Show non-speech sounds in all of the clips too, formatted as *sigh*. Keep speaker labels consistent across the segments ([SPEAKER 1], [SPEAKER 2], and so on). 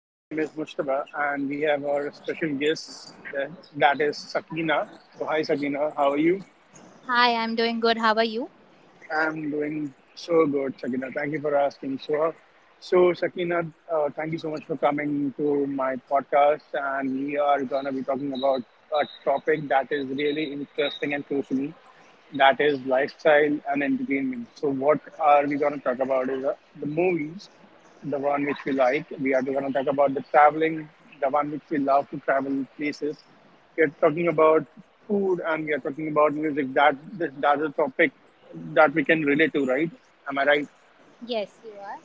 [SPEAKER 1] My name is Mustaba and we have our special guest that is Sakina. So hi Sakina, how are you?
[SPEAKER 2] Hi, I'm doing good. How are you?
[SPEAKER 1] I'm doing so good, Sakina. Thank you for asking. So Sakina, thank you so much for coming to my podcast and we are gonna be talking about a topic that is really interesting and close to me that is lifestyle and entertainment. So, what are we going to talk about is the movies, the one which we like. We are going to talk about the traveling, the one which we love to travel places. We are talking about food and we are talking about music. That's a topic that we can relate to, right? Am I right?
[SPEAKER 2] Yes, you are.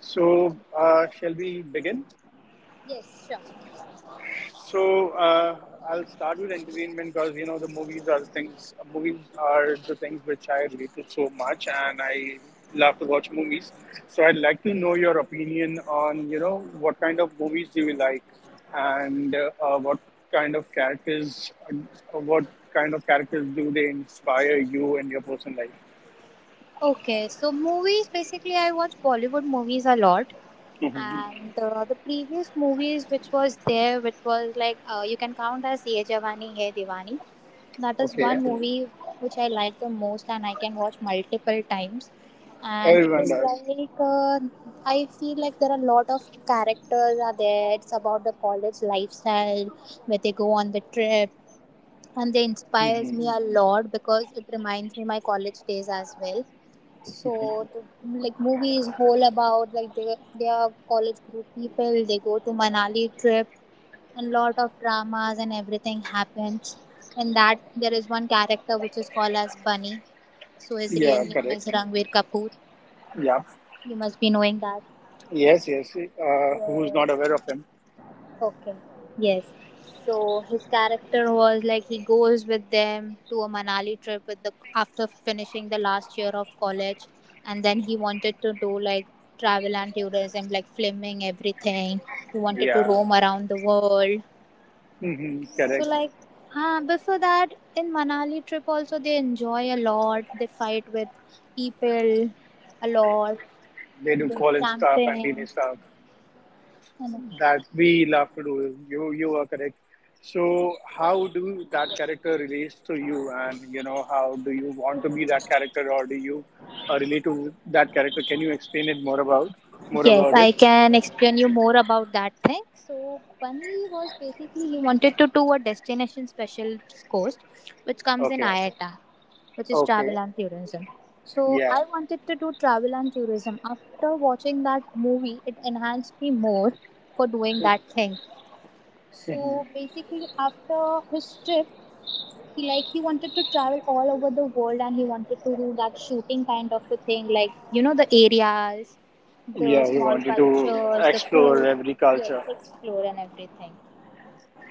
[SPEAKER 1] So, shall we begin?
[SPEAKER 2] Yes, sure.
[SPEAKER 1] So uh, I'll start with entertainment because you know the movies are the things. Movies are the things which I relate to so much, and I love to watch movies. So I'd like to know your opinion on you know what kind of movies do you like, and what kind of characters, what kind of characters do they inspire you in your personal life?
[SPEAKER 2] Okay, so movies basically, I watch Bollywood movies a lot,
[SPEAKER 1] hmm
[SPEAKER 2] and the previous movies which was there, which was like you can count as Ye Jawani Hai Diwani. That is
[SPEAKER 1] Okay,
[SPEAKER 2] one movie which I like the most, and I can watch multiple times. And it
[SPEAKER 1] everyone
[SPEAKER 2] is
[SPEAKER 1] does.
[SPEAKER 2] like I feel like there are a lot of characters are there. It's about the college lifestyle where they go on the trip and they inspires
[SPEAKER 1] hmm
[SPEAKER 2] me a lot because it reminds me my college days as well. So the, like movie is whole about like they are college group people, they go to Manali trip and lot of dramas and everything happens. And that there is one character which is called as Bunny, so his real
[SPEAKER 1] Yeah,
[SPEAKER 2] name is
[SPEAKER 1] correct.
[SPEAKER 2] Ranveer Kapoor.
[SPEAKER 1] Yeah.
[SPEAKER 2] You must be knowing that.
[SPEAKER 1] Yes, yes. Who's not
[SPEAKER 2] Yes.
[SPEAKER 1] aware of him?
[SPEAKER 2] Okay. Yes. So his character was like he goes with them to a Manali trip with the after finishing the last year of college, and then he wanted to do like travel and tourism, like filming everything. He wanted to
[SPEAKER 1] Yeah,
[SPEAKER 2] roam around the world. So
[SPEAKER 1] correct.
[SPEAKER 2] like, before that in Manali trip also they enjoy a lot. They fight with people a lot.
[SPEAKER 1] They do
[SPEAKER 2] They do
[SPEAKER 1] college stuff and
[SPEAKER 2] camping.
[SPEAKER 1] teenage stuff that we love to do. You are correct. So how do that character relates to you, and you know how do you want to be that character, or do you relate to that character? Can you explain it more
[SPEAKER 2] Yes,
[SPEAKER 1] about it?
[SPEAKER 2] I can explain you more about that thing. So, Pani was basically he wanted to do a destination special course, which comes in
[SPEAKER 1] Okay,
[SPEAKER 2] IATA, which is
[SPEAKER 1] okay,
[SPEAKER 2] travel and tourism. So,
[SPEAKER 1] yeah,
[SPEAKER 2] I wanted to do travel and tourism. After watching that movie, it enhanced me more for doing that thing.
[SPEAKER 1] hmm
[SPEAKER 2] So, basically, after his trip, he like he wanted to travel all over the world and he wanted to do that shooting kind of a thing, like you know the areas, the
[SPEAKER 1] yeah. We
[SPEAKER 2] small
[SPEAKER 1] wanted to
[SPEAKER 2] cultures, the
[SPEAKER 1] explore
[SPEAKER 2] food.
[SPEAKER 1] every
[SPEAKER 2] Yes,
[SPEAKER 1] culture.
[SPEAKER 2] explore and everything.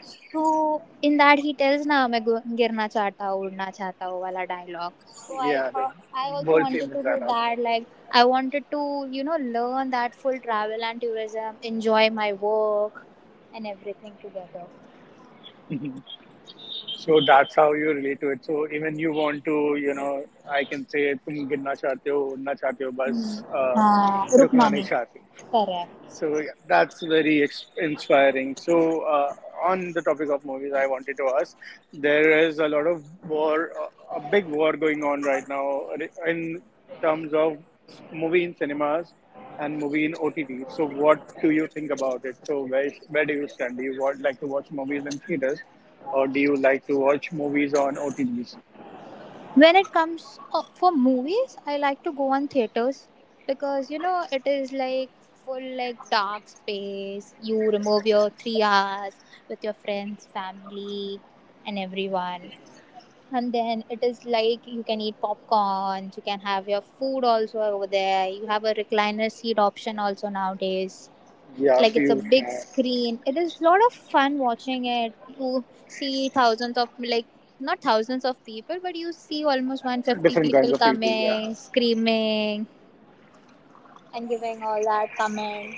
[SPEAKER 2] So in that he tells na मैं गिरना चाहता हूँ उड़ना चाहता हूँ वाला dialogue. So I
[SPEAKER 1] Yeah, the
[SPEAKER 2] thought I also
[SPEAKER 1] world
[SPEAKER 2] wanted
[SPEAKER 1] famous
[SPEAKER 2] to do
[SPEAKER 1] Zainab.
[SPEAKER 2] that. Like I wanted to you know learn that full travel and tourism, enjoy my work and everything together.
[SPEAKER 1] *laughs* So that's how you relate to it. So even you want to, you know, I can say तुम गिरना चाहते हो, उड़ना चाहते हो, बस
[SPEAKER 2] हाँ
[SPEAKER 1] रुकना
[SPEAKER 2] रुकना
[SPEAKER 1] नहीं
[SPEAKER 2] नहीं.
[SPEAKER 1] चाहते.
[SPEAKER 2] Correct.
[SPEAKER 1] So yeah, that's very inspiring. So on the topic of movies, I wanted to ask: there is a lot of war, a big war going on right now in terms of movie in cinemas and movie in OTT. So what do you think about it? So where do you stand? Do you want, like to watch movies in theaters, or do you like to watch movies on OTTs?
[SPEAKER 2] When it comes for movies, I like to go on theaters because you know it is like full like dark space. You remove your 3 hours with your friends, family, and everyone, and then it is like you can eat popcorn. You can have your food also over there. You have a recliner seat option also nowadays.
[SPEAKER 1] Yeah,
[SPEAKER 2] Like it's a
[SPEAKER 1] you
[SPEAKER 2] big
[SPEAKER 1] have
[SPEAKER 2] screen, it is a lot of fun watching it. You see thousands of like not thousands of people, but you see almost 150
[SPEAKER 1] different kinds
[SPEAKER 2] people
[SPEAKER 1] of people. Yeah.
[SPEAKER 2] coming screaming and giving all that comment,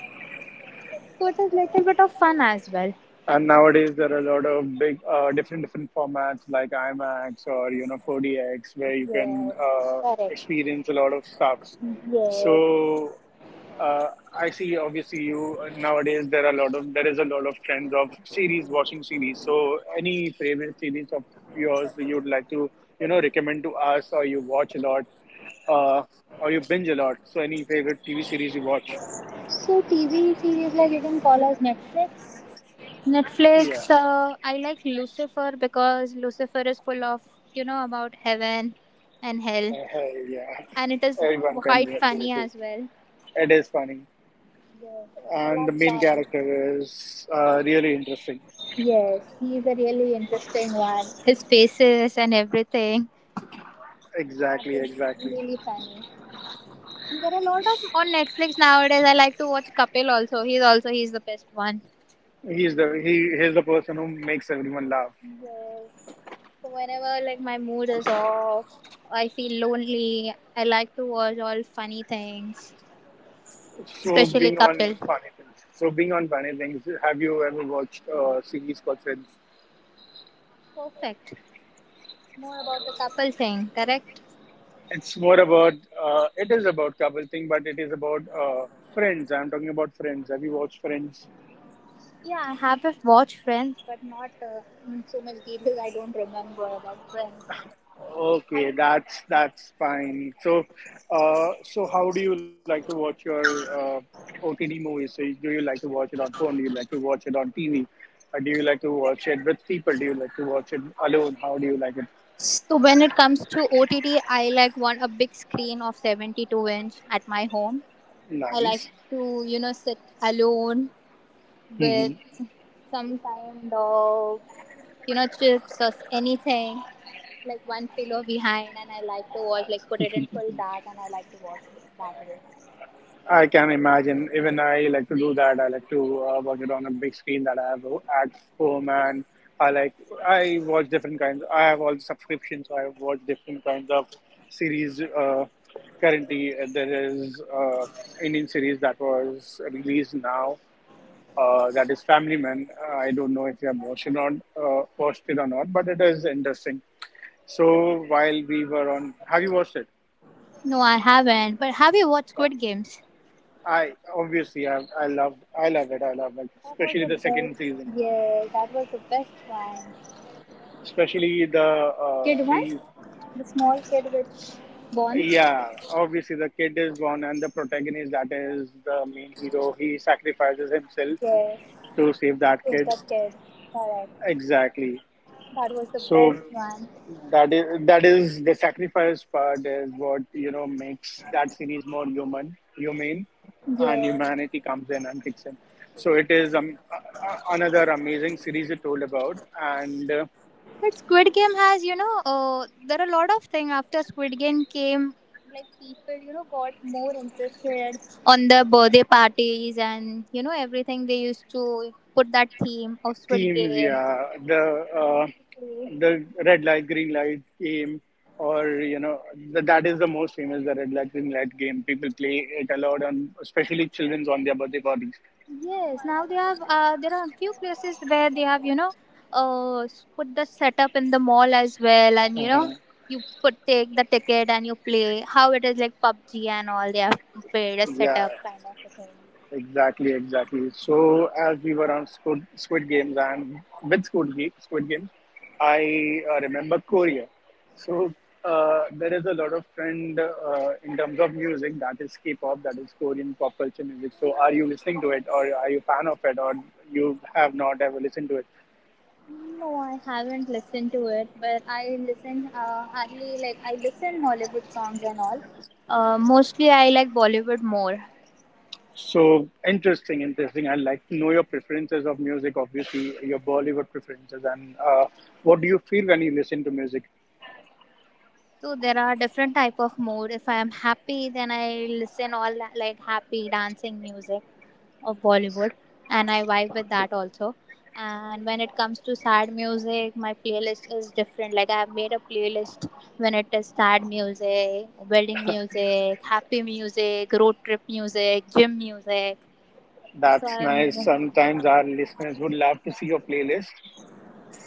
[SPEAKER 2] so it is little bit of fun as well.
[SPEAKER 1] And nowadays there are a lot of big different formats like IMAX or you know 4DX where you can
[SPEAKER 2] Yes, correct,
[SPEAKER 1] experience a lot of stuffs.
[SPEAKER 2] yes.
[SPEAKER 1] So uh, I see obviously you nowadays there are a lot of there is a lot of trends of series watching series. So any favorite series of yours that you'd like to you know recommend to us or you watch a lot uh, or you binge a lot. So any favorite TV series you watch?
[SPEAKER 2] So TV series like you can call us netflix
[SPEAKER 1] Yeah,
[SPEAKER 2] netflix I like Lucifer because Lucifer is full of you know about heaven and hell,
[SPEAKER 1] Uh, yeah,
[SPEAKER 2] and it is
[SPEAKER 1] everyone can
[SPEAKER 2] quite
[SPEAKER 1] relate to
[SPEAKER 2] funny
[SPEAKER 1] it.
[SPEAKER 2] as well.
[SPEAKER 1] It is funny,
[SPEAKER 2] Yes, I
[SPEAKER 1] and
[SPEAKER 2] love
[SPEAKER 1] the main
[SPEAKER 2] Taran.
[SPEAKER 1] character is really interesting.
[SPEAKER 2] Yes, he is a really interesting one. His faces and everything. That
[SPEAKER 1] Exactly,
[SPEAKER 2] is
[SPEAKER 1] exactly.
[SPEAKER 2] really funny. And there are a lot of on Netflix nowadays. I like to watch Kapil also. He's also he's the best one.
[SPEAKER 1] He's the person who makes everyone laugh.
[SPEAKER 2] Yes. So whenever like my mood is off, I feel lonely. I like to watch all funny things,
[SPEAKER 1] So
[SPEAKER 2] especially
[SPEAKER 1] being on
[SPEAKER 2] Kapil.
[SPEAKER 1] funny things. So being on funny things. Have you ever watched a series called Friends?
[SPEAKER 2] Perfect. It's more about the couple thing, correct?
[SPEAKER 1] It's more about it is about couple thing, but it is about friends. I'm talking about friends. Have you watched Friends?
[SPEAKER 2] Yeah, I have watched Friends, but not in so much detail. I don't remember about Friends.
[SPEAKER 1] Okay, that's fine. So, so how do you like to watch your uh, OTT movies? So, do you like to watch it on phone? Do you like to watch it on TV? Or do you like to watch it with people? Do you like to watch it alone? How do you like it?
[SPEAKER 2] So when it comes to OTT, I like want a big screen of 72 inch at my home. I like
[SPEAKER 1] Nice.
[SPEAKER 2] to you know sit alone
[SPEAKER 1] hmm
[SPEAKER 2] with some kind of you know chips or anything, like one pillow behind, and I like to watch like put it in full dark and I like to watch it that way.
[SPEAKER 1] I can imagine. Even I like to do that. I like to work it on a big screen that I have at home, and I like I watch different kinds. I have all the subscriptions, so I watch different kinds of series. Currently, there is Indian series that was released now. That is Family Man. I don't know if you have watched it or not, but it is interesting. So while we were on, have you watched
[SPEAKER 2] No, I haven't. But have you watched
[SPEAKER 1] it?
[SPEAKER 2] Squid Games?
[SPEAKER 1] I love I love it,
[SPEAKER 2] That was
[SPEAKER 1] especially
[SPEAKER 2] the
[SPEAKER 1] the second
[SPEAKER 2] best.
[SPEAKER 1] season,
[SPEAKER 2] Yeah, that was the best one.
[SPEAKER 1] especially the
[SPEAKER 2] Kid one? The small kid which born?
[SPEAKER 1] yeah, obviously the kid is born and the protagonist, that is the main hero, he sacrifices himself
[SPEAKER 2] Yes.
[SPEAKER 1] to save that
[SPEAKER 2] Yes,
[SPEAKER 1] kid,
[SPEAKER 2] that kid. Correct.
[SPEAKER 1] exactly.
[SPEAKER 2] That was the
[SPEAKER 1] So
[SPEAKER 2] best one.
[SPEAKER 1] that is the sacrifice part is what you know makes that series more humane and
[SPEAKER 2] Yeah.
[SPEAKER 1] humanity comes in and kicks in. So it is another amazing series you told about, and
[SPEAKER 2] But Squid Game has, you know, there are a lot of things after Squid Game came. Like people, you know, got more interested on the birthday parties and, you know, everything they used to put that theme of Squid
[SPEAKER 1] themes
[SPEAKER 2] Game.
[SPEAKER 1] yeah the uh, the red light green light game or you know that is the most famous the red light green light game people play it a lot on, especially children's on their birthday parties.
[SPEAKER 2] Yes, now they have. There are a few places where they have, you know, put the setup in the mall as well, and you know,
[SPEAKER 1] Uh-huh.
[SPEAKER 2] you put take the ticket and you play. How it is like PUBG and all. They have paid a
[SPEAKER 1] Yeah.
[SPEAKER 2] setup kind of a thing.
[SPEAKER 1] Exactly, exactly. So as we were on Squid Games and with Squid Games, I remember Korea. So there is a lot of trend in terms of music, that is K-pop, that is Korean pop culture music. So are you listening to it, or are you a fan of it, or you have not ever listened to it?
[SPEAKER 2] No, I haven't listened to it, but I listen hardly, like I listen Hollywood songs and all. Mostly I like Bollywood more.
[SPEAKER 1] So interesting, interesting. I'd like to know your preferences of music, obviously your Bollywood preferences, and what do you feel when you listen to music?
[SPEAKER 2] So there are different type of mode. If I am happy, then I listen all that, like happy dancing music of Bollywood, and I vibe with that also. And when it comes to sad music, my playlist is different. Like I have made a playlist when it is sad music, wedding music, happy music, road trip music, gym music. So
[SPEAKER 1] That's
[SPEAKER 2] I'm
[SPEAKER 1] nice. Sometimes our listeners would love to see your playlist.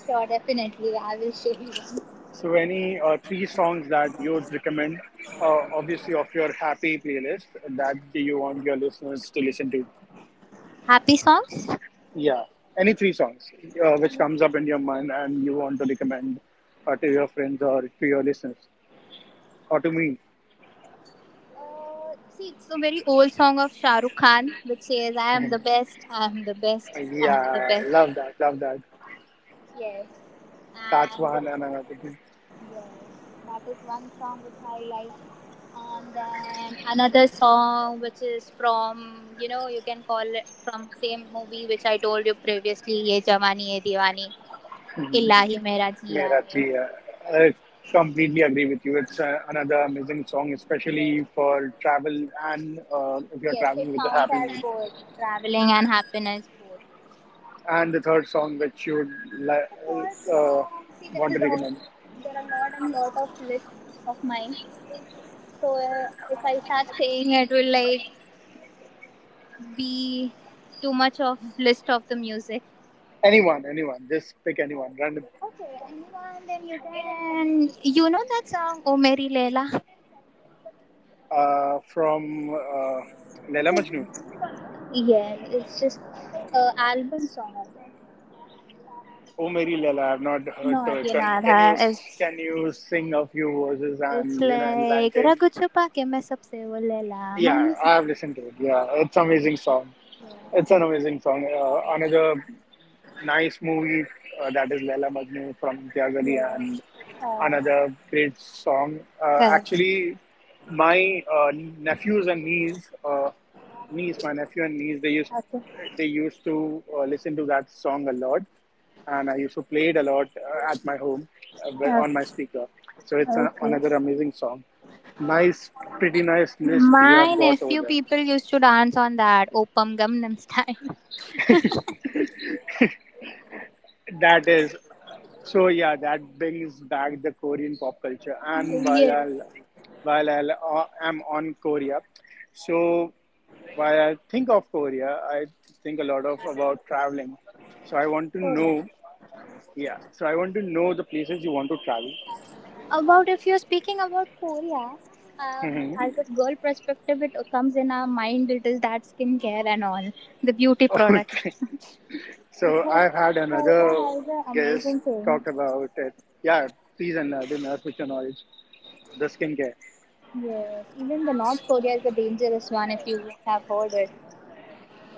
[SPEAKER 2] Sure, definitely. I will show you one.
[SPEAKER 1] So, any three songs that you would recommend, obviously, of your happy playlist that you want your listeners to listen to?
[SPEAKER 2] Happy songs.
[SPEAKER 1] Yeah, any three songs which comes up in your mind and you want to recommend to your friends or to your listeners or to me.
[SPEAKER 2] See, it's a very old song of Shah Rukh Khan, which says, "I am the
[SPEAKER 1] *laughs*
[SPEAKER 2] best, I am the best, I am the
[SPEAKER 1] Yeah,
[SPEAKER 2] best."
[SPEAKER 1] love that, love that.
[SPEAKER 2] Yes.
[SPEAKER 1] That's
[SPEAKER 2] And
[SPEAKER 1] one and another thing.
[SPEAKER 2] yes, that is one song which I like. And then another song which is from, you know, you can call it from same movie which I told you previously, Ye Jamani Ye Diwani, Illahi Mera Jiya
[SPEAKER 1] Mera
[SPEAKER 2] Hai.
[SPEAKER 1] Ji, I completely agree with you. It's another amazing song, especially
[SPEAKER 2] Yes,
[SPEAKER 1] for travel and if you're
[SPEAKER 2] yes, it
[SPEAKER 1] traveling with a
[SPEAKER 2] counts
[SPEAKER 1] happy
[SPEAKER 2] as
[SPEAKER 1] mood.
[SPEAKER 2] both traveling and happiness both.
[SPEAKER 1] And the third song which you would li-
[SPEAKER 2] Support
[SPEAKER 1] uh,
[SPEAKER 2] song, see
[SPEAKER 1] want to recommend.
[SPEAKER 2] there are lot and lot of lists of mine. So if I start saying it will like be too much of list of the music.
[SPEAKER 1] Anyone, anyone, just pick anyone, random.
[SPEAKER 2] Okay, anyone, then you can. You know that song, Oh Mary Leila?
[SPEAKER 1] From
[SPEAKER 2] It's
[SPEAKER 1] Laila Majnu.
[SPEAKER 2] a. Yeah, it's just a album song, I think.
[SPEAKER 1] Oh, Mary Laila, I've not heard to
[SPEAKER 2] Not,
[SPEAKER 1] it.
[SPEAKER 2] you
[SPEAKER 1] Can you
[SPEAKER 2] it's,
[SPEAKER 1] can you sing a few verses
[SPEAKER 2] it's
[SPEAKER 1] and you know
[SPEAKER 2] like.
[SPEAKER 1] enlighten.
[SPEAKER 2] Ragu chupa ke main sabse wo Leila
[SPEAKER 1] Yeah,
[SPEAKER 2] manu.
[SPEAKER 1] I have listened to it. Yeah, it's amazing song. It's an amazing song. Another nice movie that is Laila Majnu from Imtiaz Ali
[SPEAKER 2] Yeah.
[SPEAKER 1] and
[SPEAKER 2] Uh,
[SPEAKER 1] another great song.
[SPEAKER 2] Correct.
[SPEAKER 1] Actually, my nephews and niece, my nephew and niece,
[SPEAKER 2] Okay.
[SPEAKER 1] they used to listen to that song a lot, and I used to play it a lot at my home on my
[SPEAKER 2] Okay.
[SPEAKER 1] speaker. So it's a,
[SPEAKER 2] Okay.
[SPEAKER 1] another amazing song. Nice, pretty nice list you
[SPEAKER 2] My
[SPEAKER 1] have got over
[SPEAKER 2] nephew
[SPEAKER 1] there.
[SPEAKER 2] people used to dance on that Opam Gangnam style.
[SPEAKER 1] That is. So yeah, that brings back the Korean pop culture.
[SPEAKER 2] *laughs*
[SPEAKER 1] And
[SPEAKER 2] Yes.
[SPEAKER 1] I'm on Korea, so while I think of Korea, I think a lot of about traveling. So I want to
[SPEAKER 2] Oh, yeah.
[SPEAKER 1] know, yeah. So I want to know the places you want to travel.
[SPEAKER 2] About if you're speaking about Korea,
[SPEAKER 1] hmm
[SPEAKER 2] as a girl perspective, it comes in our mind. It is that skincare and all the beauty
[SPEAKER 1] *laughs*
[SPEAKER 2] products.
[SPEAKER 1] Okay.
[SPEAKER 2] *laughs*
[SPEAKER 1] So
[SPEAKER 2] Because
[SPEAKER 1] I've had
[SPEAKER 2] Korea
[SPEAKER 1] another
[SPEAKER 2] has an
[SPEAKER 1] guest
[SPEAKER 2] amazing thing.
[SPEAKER 1] talk about it. Yeah, please enlighten us with your knowledge. The skincare.
[SPEAKER 2] Yes, even the North Korea is a dangerous one if you have heard it.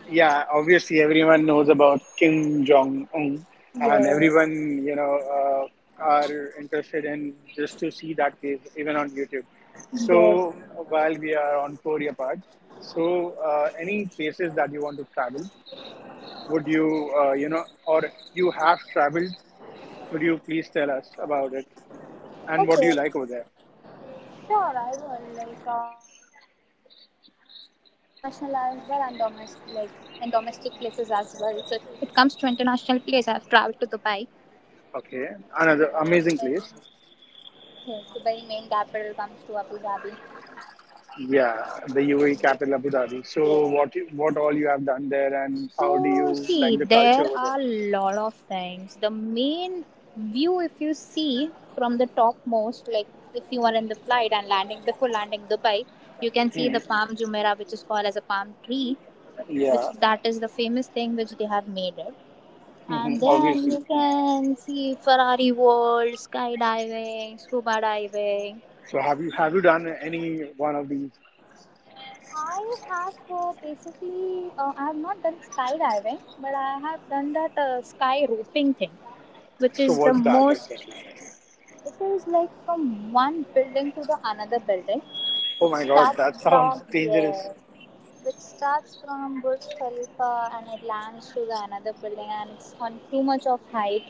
[SPEAKER 1] Yeah, obviously everyone knows about Kim Jong Un, and everyone
[SPEAKER 2] Yes,
[SPEAKER 1] you know are interested in just to see that case even on YouTube. So
[SPEAKER 2] yes.
[SPEAKER 1] while we are on Korea part, so any places that you want to travel, would you you know or you have traveled? Would you please tell us about it and what do
[SPEAKER 2] Okay,
[SPEAKER 1] you like over there?
[SPEAKER 2] sure. I will. Like, I've traveled international as well and domestic, like in domestic places as well. So if it comes to international place, I've traveled to Dubai. So
[SPEAKER 1] Okay, another
[SPEAKER 2] Dubai.
[SPEAKER 1] amazing place.
[SPEAKER 2] Yes, Dubai main capital comes to Abu Dhabi.
[SPEAKER 1] Yeah, the UAE capital, Abu Dhabi.
[SPEAKER 2] Yeah.
[SPEAKER 1] So, what all you have done there, and how do
[SPEAKER 2] So
[SPEAKER 1] you like
[SPEAKER 2] see,
[SPEAKER 1] the culture
[SPEAKER 2] there
[SPEAKER 1] over there?
[SPEAKER 2] are lot of things. The main view, if you see from the topmost, like if you are in the flight and landing before landing Dubai, you can see the
[SPEAKER 1] Mhm.
[SPEAKER 2] Palm Jumeirah, which is called as a palm tree, which
[SPEAKER 1] Yeah,
[SPEAKER 2] is- that is the famous thing which they have made it. And then
[SPEAKER 1] obviously.
[SPEAKER 2] you can see Ferrari World, skydiving, scuba diving.
[SPEAKER 1] So, have you done any one of these?
[SPEAKER 2] I have Basically, I have not done skydiving, but I have done that sky roping thing, which
[SPEAKER 1] So,
[SPEAKER 2] is the
[SPEAKER 1] what's that
[SPEAKER 2] most,
[SPEAKER 1] exactly?
[SPEAKER 2] it is like from one building to the another building,
[SPEAKER 1] Oh
[SPEAKER 2] which
[SPEAKER 1] my God, that *laughs*
[SPEAKER 2] starts from,
[SPEAKER 1] sounds dangerous.
[SPEAKER 2] yeah, which starts from Burj Khalifa and it lands to the another building and it's on too much of height.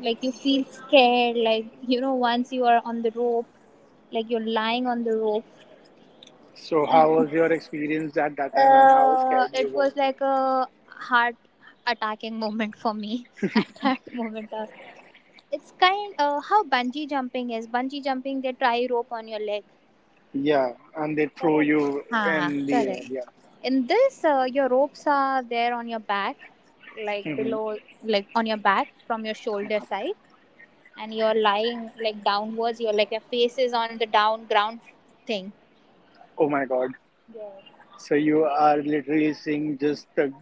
[SPEAKER 2] Like you feel scared, like, you know, once you are on the rope, like you're lying on the rope.
[SPEAKER 1] So, how was your experience at that time, and how scared you
[SPEAKER 2] It
[SPEAKER 1] were?
[SPEAKER 2] was like a heart attacking moment for me *laughs* at that moment. Of- it's kind how bungee jumping is. Bungee jumping, they tie rope on your leg.
[SPEAKER 1] Yeah, and they throw
[SPEAKER 2] Correct.
[SPEAKER 1] you
[SPEAKER 2] Huh,
[SPEAKER 1] in the air. Yeah.
[SPEAKER 2] correct. In this, your ropes are there on your back, like
[SPEAKER 1] hmm
[SPEAKER 2] below, like on your back from your shoulder side, and you're lying like downwards. Your like your face is on the down ground thing.
[SPEAKER 1] Oh my God.
[SPEAKER 2] Yes.
[SPEAKER 1] So you are literally seeing just the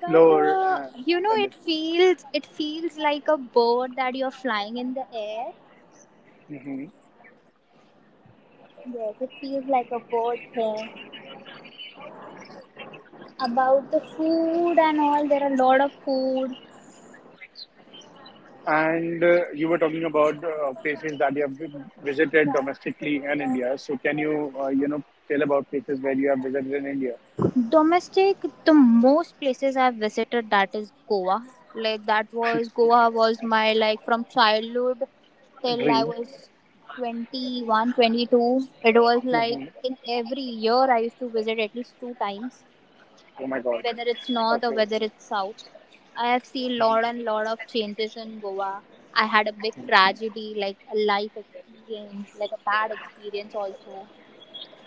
[SPEAKER 2] But
[SPEAKER 1] floor and
[SPEAKER 2] you know,
[SPEAKER 1] the difference.
[SPEAKER 2] it feels like a bird that you're flying in the air.
[SPEAKER 1] Hmm.
[SPEAKER 2] Yes, it feels like a bird thing. About the food and all, there are a lot of food.
[SPEAKER 1] And you were talking about places that you have visited domestically in India. So can you, you know, tell about places where you have visited in India?
[SPEAKER 2] Domestic, the most places I've visited that is Goa. Like that was Goa was my like from childhood till I
[SPEAKER 1] Dream.
[SPEAKER 2] was 21, 22. It was like
[SPEAKER 1] hmm
[SPEAKER 2] in every year I used to visit at least two times,
[SPEAKER 1] Oh my God.
[SPEAKER 2] whether it's north or
[SPEAKER 1] Okay.
[SPEAKER 2] whether it's south. I have seen lot and lot of changes in Goa. I had a big tragedy, like a life experience, like a bad experience also.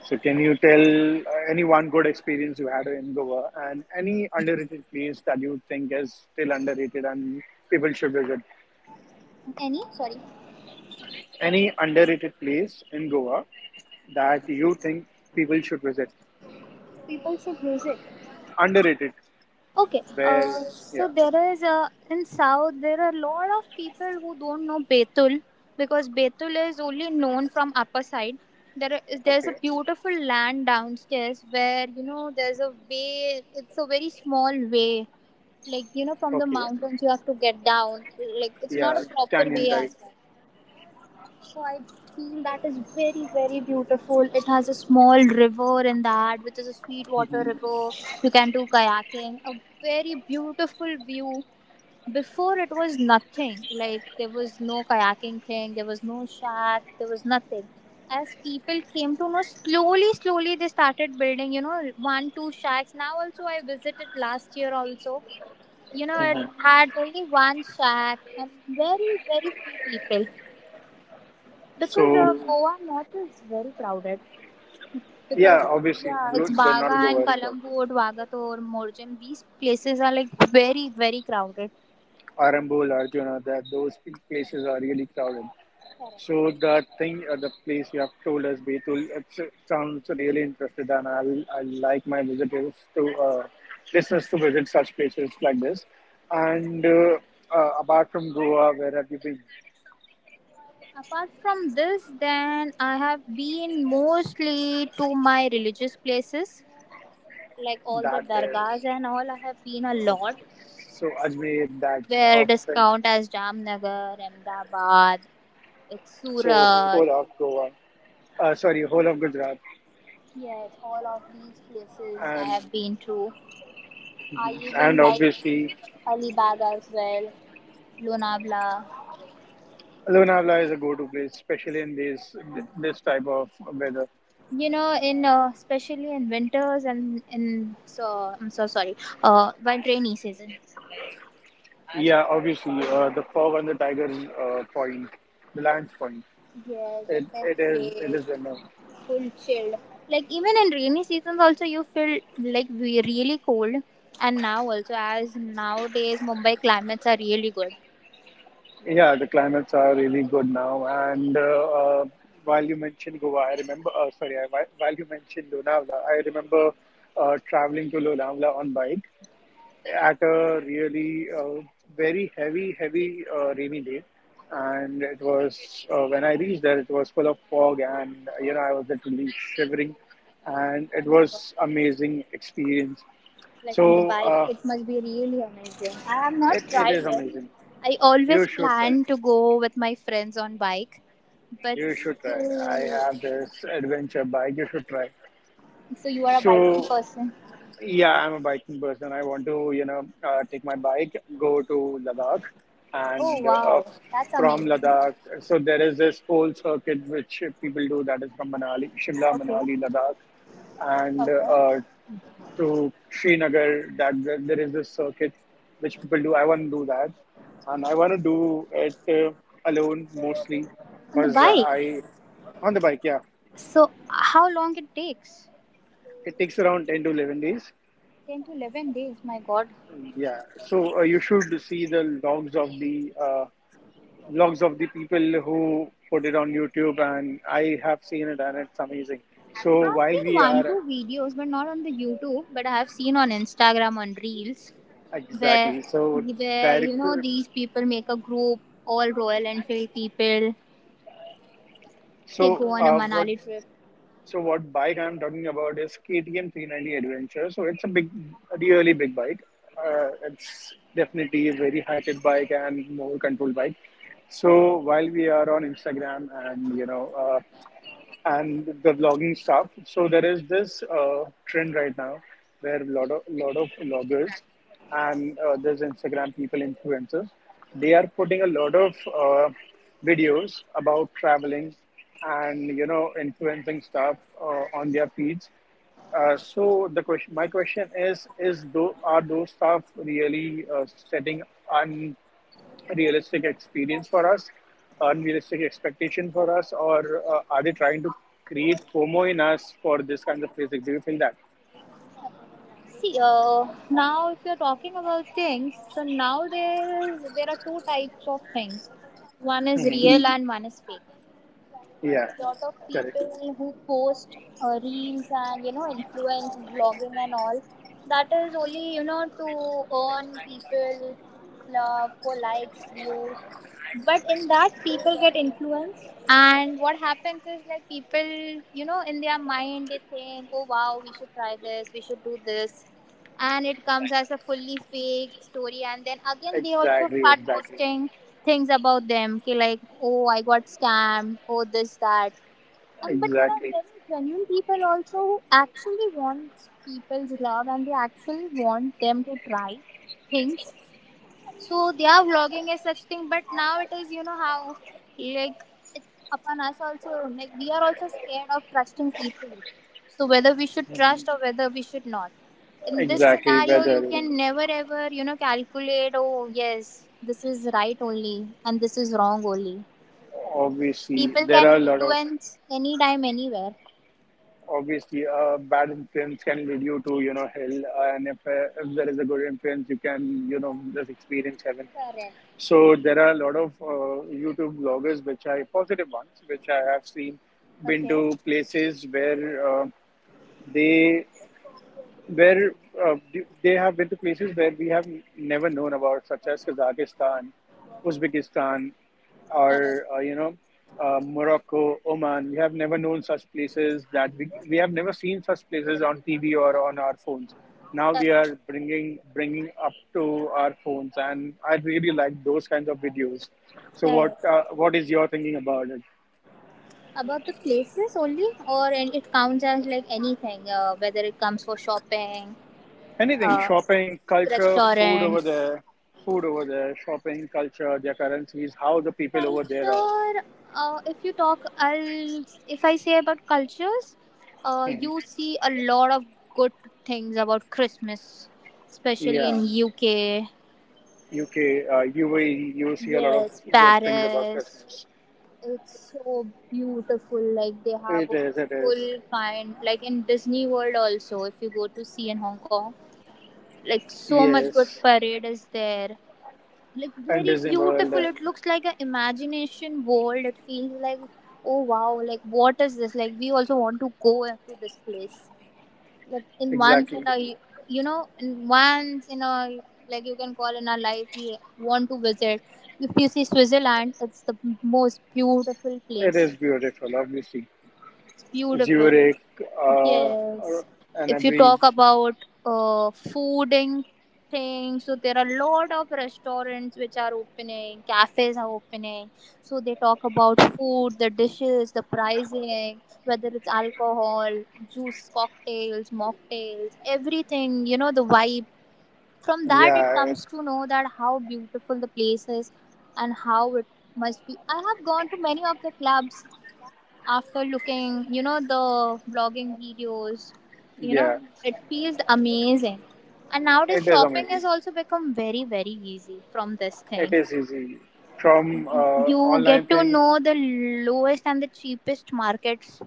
[SPEAKER 1] So can you tell any one good experience you had in Goa and any underrated place that you think is still underrated and people should visit?
[SPEAKER 2] Any? Sorry.
[SPEAKER 1] Any underrated place in Goa that you think people should visit?
[SPEAKER 2] People should use it.
[SPEAKER 1] Underrated,
[SPEAKER 2] Okay,
[SPEAKER 1] where,
[SPEAKER 2] so
[SPEAKER 1] yeah,
[SPEAKER 2] there is in South there are a lot of people who don't know Betul, because Betul is only known from upper side. There is there's
[SPEAKER 1] okay,
[SPEAKER 2] a beautiful land downstairs where you know there's a way. It's a very small way, like you know from the
[SPEAKER 1] okay.
[SPEAKER 2] mountains you have to get down. Like it's not
[SPEAKER 1] Yeah,
[SPEAKER 2] a proper
[SPEAKER 1] Canyon
[SPEAKER 2] way
[SPEAKER 1] type.
[SPEAKER 2] as well. So I feel that is very, very beautiful. It has a small river in that, which is a sweet water river. You can do kayaking. A very beautiful view. Before it was nothing. Like there was no kayaking thing, there was no shack, there was nothing. As people came to know, slowly, slowly they started building, one, two shacks. Now also I visited last year also. It
[SPEAKER 1] hmm
[SPEAKER 2] had only one shack and very, very few people. Because
[SPEAKER 1] So
[SPEAKER 2] Goa north is very crowded.
[SPEAKER 1] yeah,
[SPEAKER 2] Because
[SPEAKER 1] obviously,
[SPEAKER 2] yeah, it's
[SPEAKER 1] good. They're not
[SPEAKER 2] Baga and
[SPEAKER 1] Govaska,
[SPEAKER 2] Kalangut, Vagator, Morjam. These places are like very very crowded.
[SPEAKER 1] Arambol, Arjuna. That those places are really crowded. So the thing, the place you have told us, Betul, it sounds really interested, and I'll I like my visitors to listeners to visit such places like this. And apart from Goa, where have you been?
[SPEAKER 2] Apart from this, then I have been mostly to my religious places, like all the
[SPEAKER 1] That is
[SPEAKER 2] dargahs and all. I have been a
[SPEAKER 1] okay.
[SPEAKER 2] lot
[SPEAKER 1] So Ajmer, that
[SPEAKER 2] where it is
[SPEAKER 1] often.
[SPEAKER 2] count as Jamnagar, Ahmedabad, it's
[SPEAKER 1] So
[SPEAKER 2] Surat.
[SPEAKER 1] whole of Goa. Sorry, whole of Gujarat,
[SPEAKER 2] Yes, all of these places I
[SPEAKER 1] and
[SPEAKER 2] have been to. I
[SPEAKER 1] mhm.
[SPEAKER 2] even
[SPEAKER 1] And
[SPEAKER 2] like
[SPEAKER 1] obviously
[SPEAKER 2] Alibag as well, Lunabla.
[SPEAKER 1] Lonavala is a go-to place, especially in this type of weather.
[SPEAKER 2] You know, in especially in winters and in so I'm so sorry. While rainy season.
[SPEAKER 1] Yeah, obviously the fog on the Tiger's Point, the Lions Point.
[SPEAKER 2] Yes, the
[SPEAKER 1] It
[SPEAKER 2] best
[SPEAKER 1] it is it
[SPEAKER 2] place,
[SPEAKER 1] is remote.
[SPEAKER 2] full chilled. Like even in rainy seasons, also you feel like we really cold. And now also, as nowadays Mumbai climates are really good.
[SPEAKER 1] Yeah, the climates are really good now. And while you mentioned Goa, I remember. Sorry, while you mentioned Lonavala, I remember traveling to Lonavala on bike at a really very heavy rainy day. And it was when I reached there, it was full of fog, and you know I was literally shivering, and
[SPEAKER 2] Oh
[SPEAKER 1] it
[SPEAKER 2] my God,
[SPEAKER 1] was amazing experience.
[SPEAKER 2] like on the
[SPEAKER 1] So
[SPEAKER 2] bike. It must be really amazing. I have not
[SPEAKER 1] it it
[SPEAKER 2] tried
[SPEAKER 1] is
[SPEAKER 2] yet.
[SPEAKER 1] amazing.
[SPEAKER 2] I
[SPEAKER 1] You
[SPEAKER 2] always
[SPEAKER 1] should try.
[SPEAKER 2] plan to go with my friends on bike, but
[SPEAKER 1] You should try. I
[SPEAKER 2] still.
[SPEAKER 1] have this adventure bike. You should try.
[SPEAKER 2] So you are a biking
[SPEAKER 1] So
[SPEAKER 2] person.
[SPEAKER 1] yeah, I'm a biking person. I want to, take my bike, go to Ladakh,
[SPEAKER 2] Oh
[SPEAKER 1] and
[SPEAKER 2] wow, that's
[SPEAKER 1] from
[SPEAKER 2] amazing.
[SPEAKER 1] Ladakh, so there is this whole circuit which people do, that is from Manali, Shimla,
[SPEAKER 2] Okay,
[SPEAKER 1] Manali, Ladakh, and
[SPEAKER 2] okay.
[SPEAKER 1] to Srinagar. That there is this circuit which people do. I want to do that, and I want to do it alone mostly
[SPEAKER 2] On the
[SPEAKER 1] because
[SPEAKER 2] bike.
[SPEAKER 1] I on the bike. Yeah,
[SPEAKER 2] So how long it takes?
[SPEAKER 1] it takes around 10 to 11 days.
[SPEAKER 2] 10 to 11 days. My God,
[SPEAKER 1] Yeah, so you should see the logs of the logs of the people who put it on YouTube, and I have seen it, and it's amazing. So
[SPEAKER 2] I've
[SPEAKER 1] while
[SPEAKER 2] seen
[SPEAKER 1] we
[SPEAKER 2] one,
[SPEAKER 1] are
[SPEAKER 2] two videos, but not on the YouTube, but I have seen on Instagram on Reels where
[SPEAKER 1] exactly so direct,
[SPEAKER 2] these people make a group, all Royal Enfield people. They
[SPEAKER 1] so
[SPEAKER 2] go on a Manali trip.
[SPEAKER 1] what bike I'm talking about is KTM 390 Adventure. So it's a big, a really big bike. It's definitely a very heighted bike and more controlled bike. So
[SPEAKER 2] Okay.
[SPEAKER 1] while we are on Instagram and and the vlogging stuff. So there is this trend right now where a lot of vloggers and there's Instagram people influencers. They are putting a lot of videos about traveling and you know influencing stuff on their feeds. My question is though are those stuff really setting un realistic experience for us, unrealistic expectation for us, or are they trying to create FOMO in us for this kind of music? Do you feel that?
[SPEAKER 2] See, now if you're talking about things, so now there are two types of things. One is
[SPEAKER 1] Hmm.
[SPEAKER 2] real and one is fake.
[SPEAKER 1] Yeah,
[SPEAKER 2] Lot of
[SPEAKER 1] correct.
[SPEAKER 2] people who post reels and you know influence blogging and all, that is only you know to earn people love for likes views, but in that people get influenced, and what happens is like people you know in their mind they think, oh wow, we should try this, we should do this. And it comes as a fully fake story, and then again they also
[SPEAKER 1] Exactly,
[SPEAKER 2] start
[SPEAKER 1] exactly,
[SPEAKER 2] posting things about them okay, like oh I got scammed, oh this that. And but there are
[SPEAKER 1] exactly,
[SPEAKER 2] very genuine people also who actually want people's love and they actually want them to try things. So they are vlogging is such thing, but now it is you know how, like it's upon us also. Like we are also scared of trusting people. So whether we should trust or whether we should not. In this
[SPEAKER 1] exactly.
[SPEAKER 2] scenario, you
[SPEAKER 1] Whether
[SPEAKER 2] can never ever you know calculate, oh yes, this is right only and this is wrong only.
[SPEAKER 1] obviously
[SPEAKER 2] People
[SPEAKER 1] there
[SPEAKER 2] can
[SPEAKER 1] are a lot of
[SPEAKER 2] influence anytime, anywhere.
[SPEAKER 1] obviously a bad influence can lead you to you know hell, and if there is a good influence, you can you know just experience heaven.
[SPEAKER 2] Correct.
[SPEAKER 1] So there are a lot of YouTube bloggers, which are positive ones, which I have seen, been
[SPEAKER 2] Okay.
[SPEAKER 1] to places where they where uh, they have been to places where we have never known about, such as Kazakhstan, Uzbekistan,
[SPEAKER 2] Correct.
[SPEAKER 1] or Morocco, Oman. We have never known such places, that we have never seen such places on TV or on our phones. Now we
[SPEAKER 2] Correct.
[SPEAKER 1] are bringing up to our phones, and I really like those kinds of videos. So
[SPEAKER 2] Correct.
[SPEAKER 1] what is your thinking about it?
[SPEAKER 2] About the places only, or an- it counts as like anything, whether it comes for shopping,
[SPEAKER 1] Anything,
[SPEAKER 2] uh,
[SPEAKER 1] shopping, culture, food over
[SPEAKER 2] restaurants,
[SPEAKER 1] there, shopping, culture, their currencies, how the people over there are.
[SPEAKER 2] culture. If you talk, I'll if I say about cultures,
[SPEAKER 1] Hmm.
[SPEAKER 2] you see a lot of good things about Christmas, especially
[SPEAKER 1] Yeah,
[SPEAKER 2] in UK.
[SPEAKER 1] UK, UAE, you see a lot of
[SPEAKER 2] Yes,
[SPEAKER 1] good things about
[SPEAKER 2] Paris.
[SPEAKER 1] Christmas.
[SPEAKER 2] It's so beautiful. Like they have
[SPEAKER 1] It
[SPEAKER 2] a
[SPEAKER 1] is, it is.
[SPEAKER 2] full kind, like in Disney World also. If you go to see in Hong Kong, like so much good
[SPEAKER 1] Yes,
[SPEAKER 2] parade is there, like
[SPEAKER 1] and
[SPEAKER 2] very
[SPEAKER 1] Disney World,
[SPEAKER 2] beautiful,
[SPEAKER 1] and
[SPEAKER 2] it looks like a imagination world, it feels like oh wow, like what is this, like we also want to go to this place, like in once
[SPEAKER 1] exactly.
[SPEAKER 2] in a in once in a, like you can call, in our life we want to visit. If you see Switzerland, it's the most beautiful
[SPEAKER 1] It
[SPEAKER 2] place,
[SPEAKER 1] is beautiful, obviously.
[SPEAKER 2] it's beautiful.
[SPEAKER 1] Zurich, uh, or-
[SPEAKER 2] Yes.
[SPEAKER 1] and
[SPEAKER 2] If you
[SPEAKER 1] every,
[SPEAKER 2] talk about fooding things, so there are a lot of restaurants which are opening, cafes are opening. So they talk about food, the dishes, the pricing, whether it's alcohol, juice, cocktails, mocktails, everything, you know, the vibe. From that, it
[SPEAKER 1] yeah,
[SPEAKER 2] comes to know that how beautiful the place is and how it must be. I have gone to many of the clubs after looking, you know, the vlogging videos, you know,
[SPEAKER 1] yeah,
[SPEAKER 2] it feels amazing. And nowadays,
[SPEAKER 1] it is
[SPEAKER 2] shopping has
[SPEAKER 1] amazing.
[SPEAKER 2] also become very, very easy from this
[SPEAKER 1] It
[SPEAKER 2] thing.
[SPEAKER 1] is easy. From
[SPEAKER 2] You
[SPEAKER 1] online
[SPEAKER 2] get to
[SPEAKER 1] thing.
[SPEAKER 2] know the lowest and the cheapest markets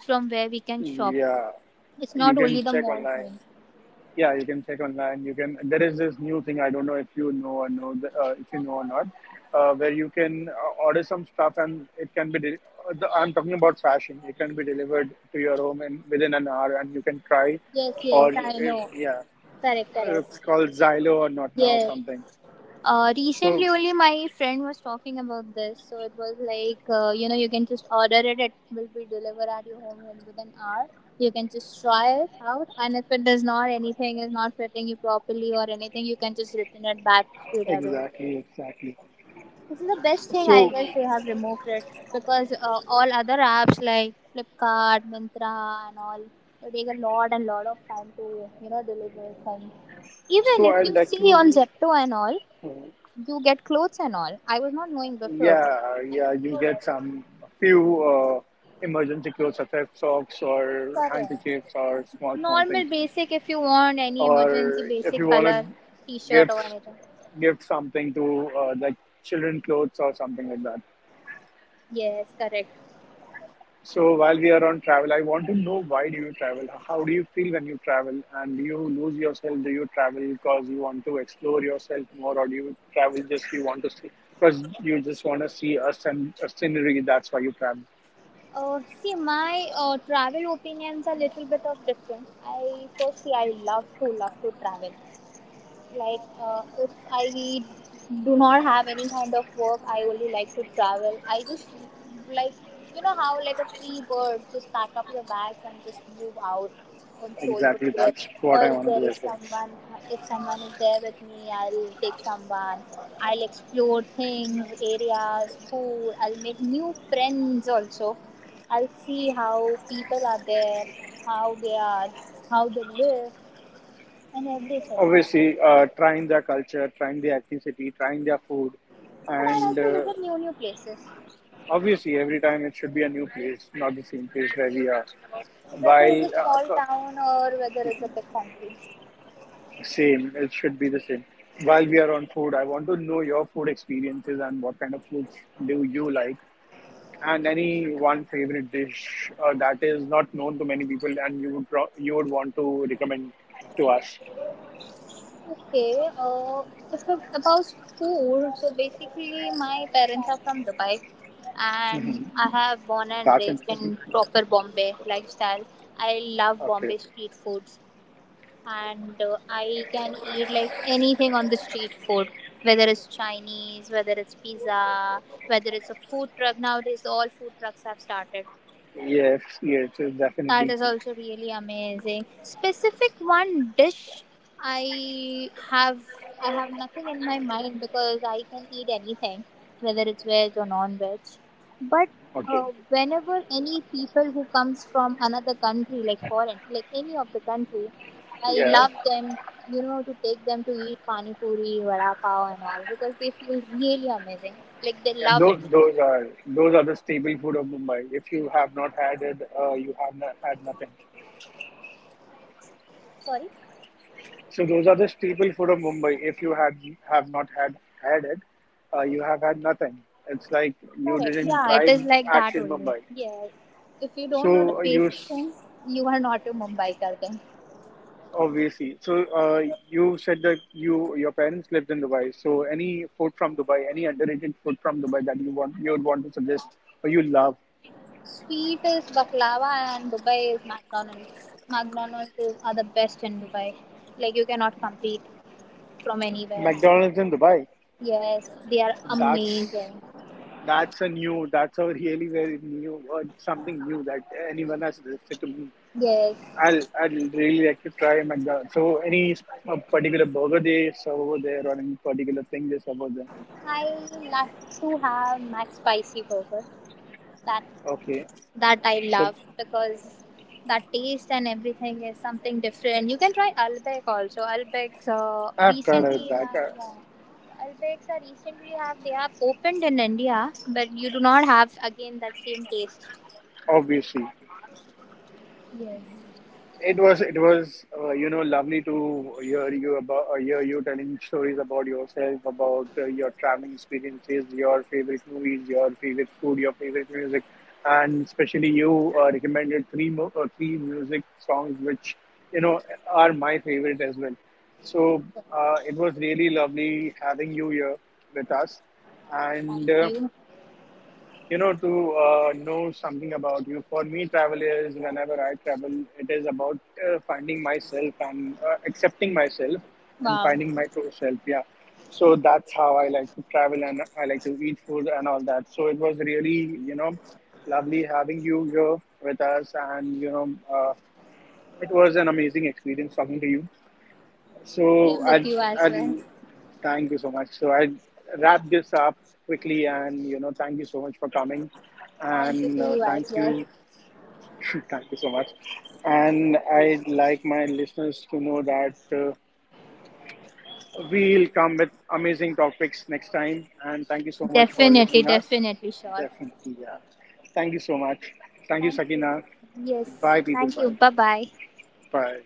[SPEAKER 2] from where we can shop.
[SPEAKER 1] Yeah,
[SPEAKER 2] It's
[SPEAKER 1] you
[SPEAKER 2] not
[SPEAKER 1] can
[SPEAKER 2] only the
[SPEAKER 1] check
[SPEAKER 2] mall
[SPEAKER 1] online.
[SPEAKER 2] thing.
[SPEAKER 1] Yeah, you can check online. You can. There is this new thing. I don't know if if you know or not, where you can order some stuff and it can be. I'm talking about fashion. It can be delivered to your home in within an hour, and you can try,
[SPEAKER 2] Yes, yes,
[SPEAKER 1] or
[SPEAKER 2] I
[SPEAKER 1] if,
[SPEAKER 2] know.
[SPEAKER 1] yeah.
[SPEAKER 2] Correct,
[SPEAKER 1] It's
[SPEAKER 2] correct.
[SPEAKER 1] called Xylo or not now or
[SPEAKER 2] Yes.
[SPEAKER 1] something. So
[SPEAKER 2] Recently only my friend was talking about this, so it was like you know you can just order it, it will be delivered at your home in within an hour. You can just try it out, and if it does not, anything is not fitting you properly or anything, you can just return it back straight away.
[SPEAKER 1] exactly, exactly.
[SPEAKER 2] This is the best thing, I
[SPEAKER 1] So
[SPEAKER 2] guess they have removed it because all other apps like Flipkart Mintra and all, they take a lot and lot of time to you know deliver things. Even if
[SPEAKER 1] I'd
[SPEAKER 2] you
[SPEAKER 1] like
[SPEAKER 2] see
[SPEAKER 1] to.
[SPEAKER 2] on Zepto and all,
[SPEAKER 1] uh,
[SPEAKER 2] you get clothes and all. I was not knowing before, but
[SPEAKER 1] Yeah,
[SPEAKER 2] I
[SPEAKER 1] yeah, you
[SPEAKER 2] saw that.
[SPEAKER 1] get
[SPEAKER 2] It's
[SPEAKER 1] some few emergency clothes such as socks or
[SPEAKER 2] correct.
[SPEAKER 1] handkerchiefs or small things.
[SPEAKER 2] Normal basic, if you want any emergency
[SPEAKER 1] Or if
[SPEAKER 2] basic
[SPEAKER 1] you want to
[SPEAKER 2] color t-shirt
[SPEAKER 1] give
[SPEAKER 2] or anything.
[SPEAKER 1] give something to children clothes or something like that.
[SPEAKER 2] Yes, correct.
[SPEAKER 1] So while we are on travel, I want to know, why do you travel? How do you feel when you travel? And do you lose yourself? Do you travel because you want to explore yourself more, or do you travel just you want to see? Because you just want to see a, a scenery. That's why you travel.
[SPEAKER 2] See, my travel opinions are little bit of different. I Firstly, I love to travel. Like if I do not have any kind of work, I only like to travel. I just, like, you know how, like a free bird, just pack up your bags and just move out on solo
[SPEAKER 1] Exactly,
[SPEAKER 2] trip.
[SPEAKER 1] that's what
[SPEAKER 2] Or
[SPEAKER 1] I
[SPEAKER 2] if
[SPEAKER 1] want to
[SPEAKER 2] there
[SPEAKER 1] do as
[SPEAKER 2] is
[SPEAKER 1] well.
[SPEAKER 2] someone, if someone is there with me, I'll take someone. I'll explore things, areas, food. I'll make new friends also. I'll see how people are there, how they are, how they live, and everything.
[SPEAKER 1] Obviously, trying their culture, trying the ethnicity, trying their food,
[SPEAKER 2] But I
[SPEAKER 1] and
[SPEAKER 2] like to visit new places,
[SPEAKER 1] obviously, every time it should be a new place, not the same place where we are.
[SPEAKER 2] whether
[SPEAKER 1] While
[SPEAKER 2] it's a
[SPEAKER 1] uh,
[SPEAKER 2] small
[SPEAKER 1] co-
[SPEAKER 2] town or whether it's a big country.
[SPEAKER 1] same, it should be the same. While we are on food, I want to know your food experiences and what kind of foods do you like, and any one favorite dish that is not known to many people, and you would want to recommend to us.
[SPEAKER 2] Okay, if it, about food, so basically my parents are from Dubai,
[SPEAKER 1] Hmm.
[SPEAKER 2] and I have born and
[SPEAKER 1] That's
[SPEAKER 2] raised
[SPEAKER 1] interesting.
[SPEAKER 2] in proper Bombay lifestyle. I love
[SPEAKER 1] Okay.
[SPEAKER 2] Bombay street foods, and I can eat like anything on the street food. Whether it's Chinese, whether it's pizza, whether it's a food truck. Nowadays, all food trucks have started.
[SPEAKER 1] Yes, yes, yes,
[SPEAKER 2] That
[SPEAKER 1] definitely.
[SPEAKER 2] is also really amazing. Specific one dish I have I have nothing in my mind because I can eat anything, whether it's veg or non-veg. But
[SPEAKER 1] Okay.
[SPEAKER 2] whenever any people who comes from another country, like foreign, like any of the country, I
[SPEAKER 1] Yeah.
[SPEAKER 2] love them. You know, to take them to eat pani puri, vada pav, and all, because they feel really amazing. Like they
[SPEAKER 1] Yeah,
[SPEAKER 2] love it.
[SPEAKER 1] those are those are the staple food of Mumbai. If you have not had it, you have not had nothing.
[SPEAKER 2] Sorry.
[SPEAKER 1] So those are the staple food of Mumbai. If you have not had it, you have had nothing. It's like you
[SPEAKER 2] Correct.
[SPEAKER 1] didn't
[SPEAKER 2] Yeah, it
[SPEAKER 1] try
[SPEAKER 2] is like that
[SPEAKER 1] actual
[SPEAKER 2] only.
[SPEAKER 1] Mumbai.
[SPEAKER 2] Yes. If you don't know the
[SPEAKER 1] So uh, you
[SPEAKER 2] basic
[SPEAKER 1] s-
[SPEAKER 2] things, you are not a Mumbaikar then.
[SPEAKER 1] obviously. So you said that you your parents lived in Dubai. So any food from Dubai, any underrated food from Dubai that you would want to suggest or you love.
[SPEAKER 2] Sweet is baklava, and Dubai is McDonald's. McDonald's is, are the best in Dubai. Like you cannot compete from anywhere.
[SPEAKER 1] McDonald's in Dubai.
[SPEAKER 2] Yes, they are
[SPEAKER 1] That's
[SPEAKER 2] amazing.
[SPEAKER 1] that's a new. That's a really very new or something new that anyone has suggested to me.
[SPEAKER 2] Yes,
[SPEAKER 1] I'd really like to try McDonald's. So any particular burger they serve over there or any particular thing they serve over there?
[SPEAKER 2] I like to have Mac Spicy Burger. That
[SPEAKER 1] Okay,
[SPEAKER 2] that I
[SPEAKER 1] so
[SPEAKER 2] love because that taste and everything is something different. You can try Albek also.
[SPEAKER 1] I've tried it back
[SPEAKER 2] Yeah, Albec's are recently have they have opened in India, but you do not have again that same taste.
[SPEAKER 1] obviously.
[SPEAKER 2] Yes,
[SPEAKER 1] It was you know lovely to hear you about hear you telling stories about yourself, about your traveling experiences, your favorite movies, your favorite food, your favorite music, and especially you recommended three music songs which you know are my favorite as well. So it was really lovely having you here with us, and.
[SPEAKER 2] thank you.
[SPEAKER 1] You know to know something about you. For me, travel is whenever I travel, it is about finding myself and accepting myself and
[SPEAKER 2] Wow,
[SPEAKER 1] finding my true self, yeah. So that's how I like to travel, and I like to eat food and all that. So it was really you know lovely having you here with us, and you know uh, it was an amazing experience talking to you. So
[SPEAKER 2] same with you as
[SPEAKER 1] I
[SPEAKER 2] well.
[SPEAKER 1] thank you so much. So I wrap this up quickly, and you know, thank you so much for coming,
[SPEAKER 2] Thank you
[SPEAKER 1] and
[SPEAKER 2] to you
[SPEAKER 1] thank
[SPEAKER 2] as well.
[SPEAKER 1] you, *laughs* thank you so much, and I'd like my listeners to know that. We'll come with amazing topics next time, and thank you so much for
[SPEAKER 2] Definitely,
[SPEAKER 1] listening us.
[SPEAKER 2] definitely, sure.
[SPEAKER 1] Definitely, yeah. Thank you so much. Thank you,
[SPEAKER 2] Thank you.
[SPEAKER 1] Sakina.
[SPEAKER 2] Yes,
[SPEAKER 1] Bye, people.
[SPEAKER 2] thank you.
[SPEAKER 1] Bye.
[SPEAKER 2] Bye bye.
[SPEAKER 1] Bye.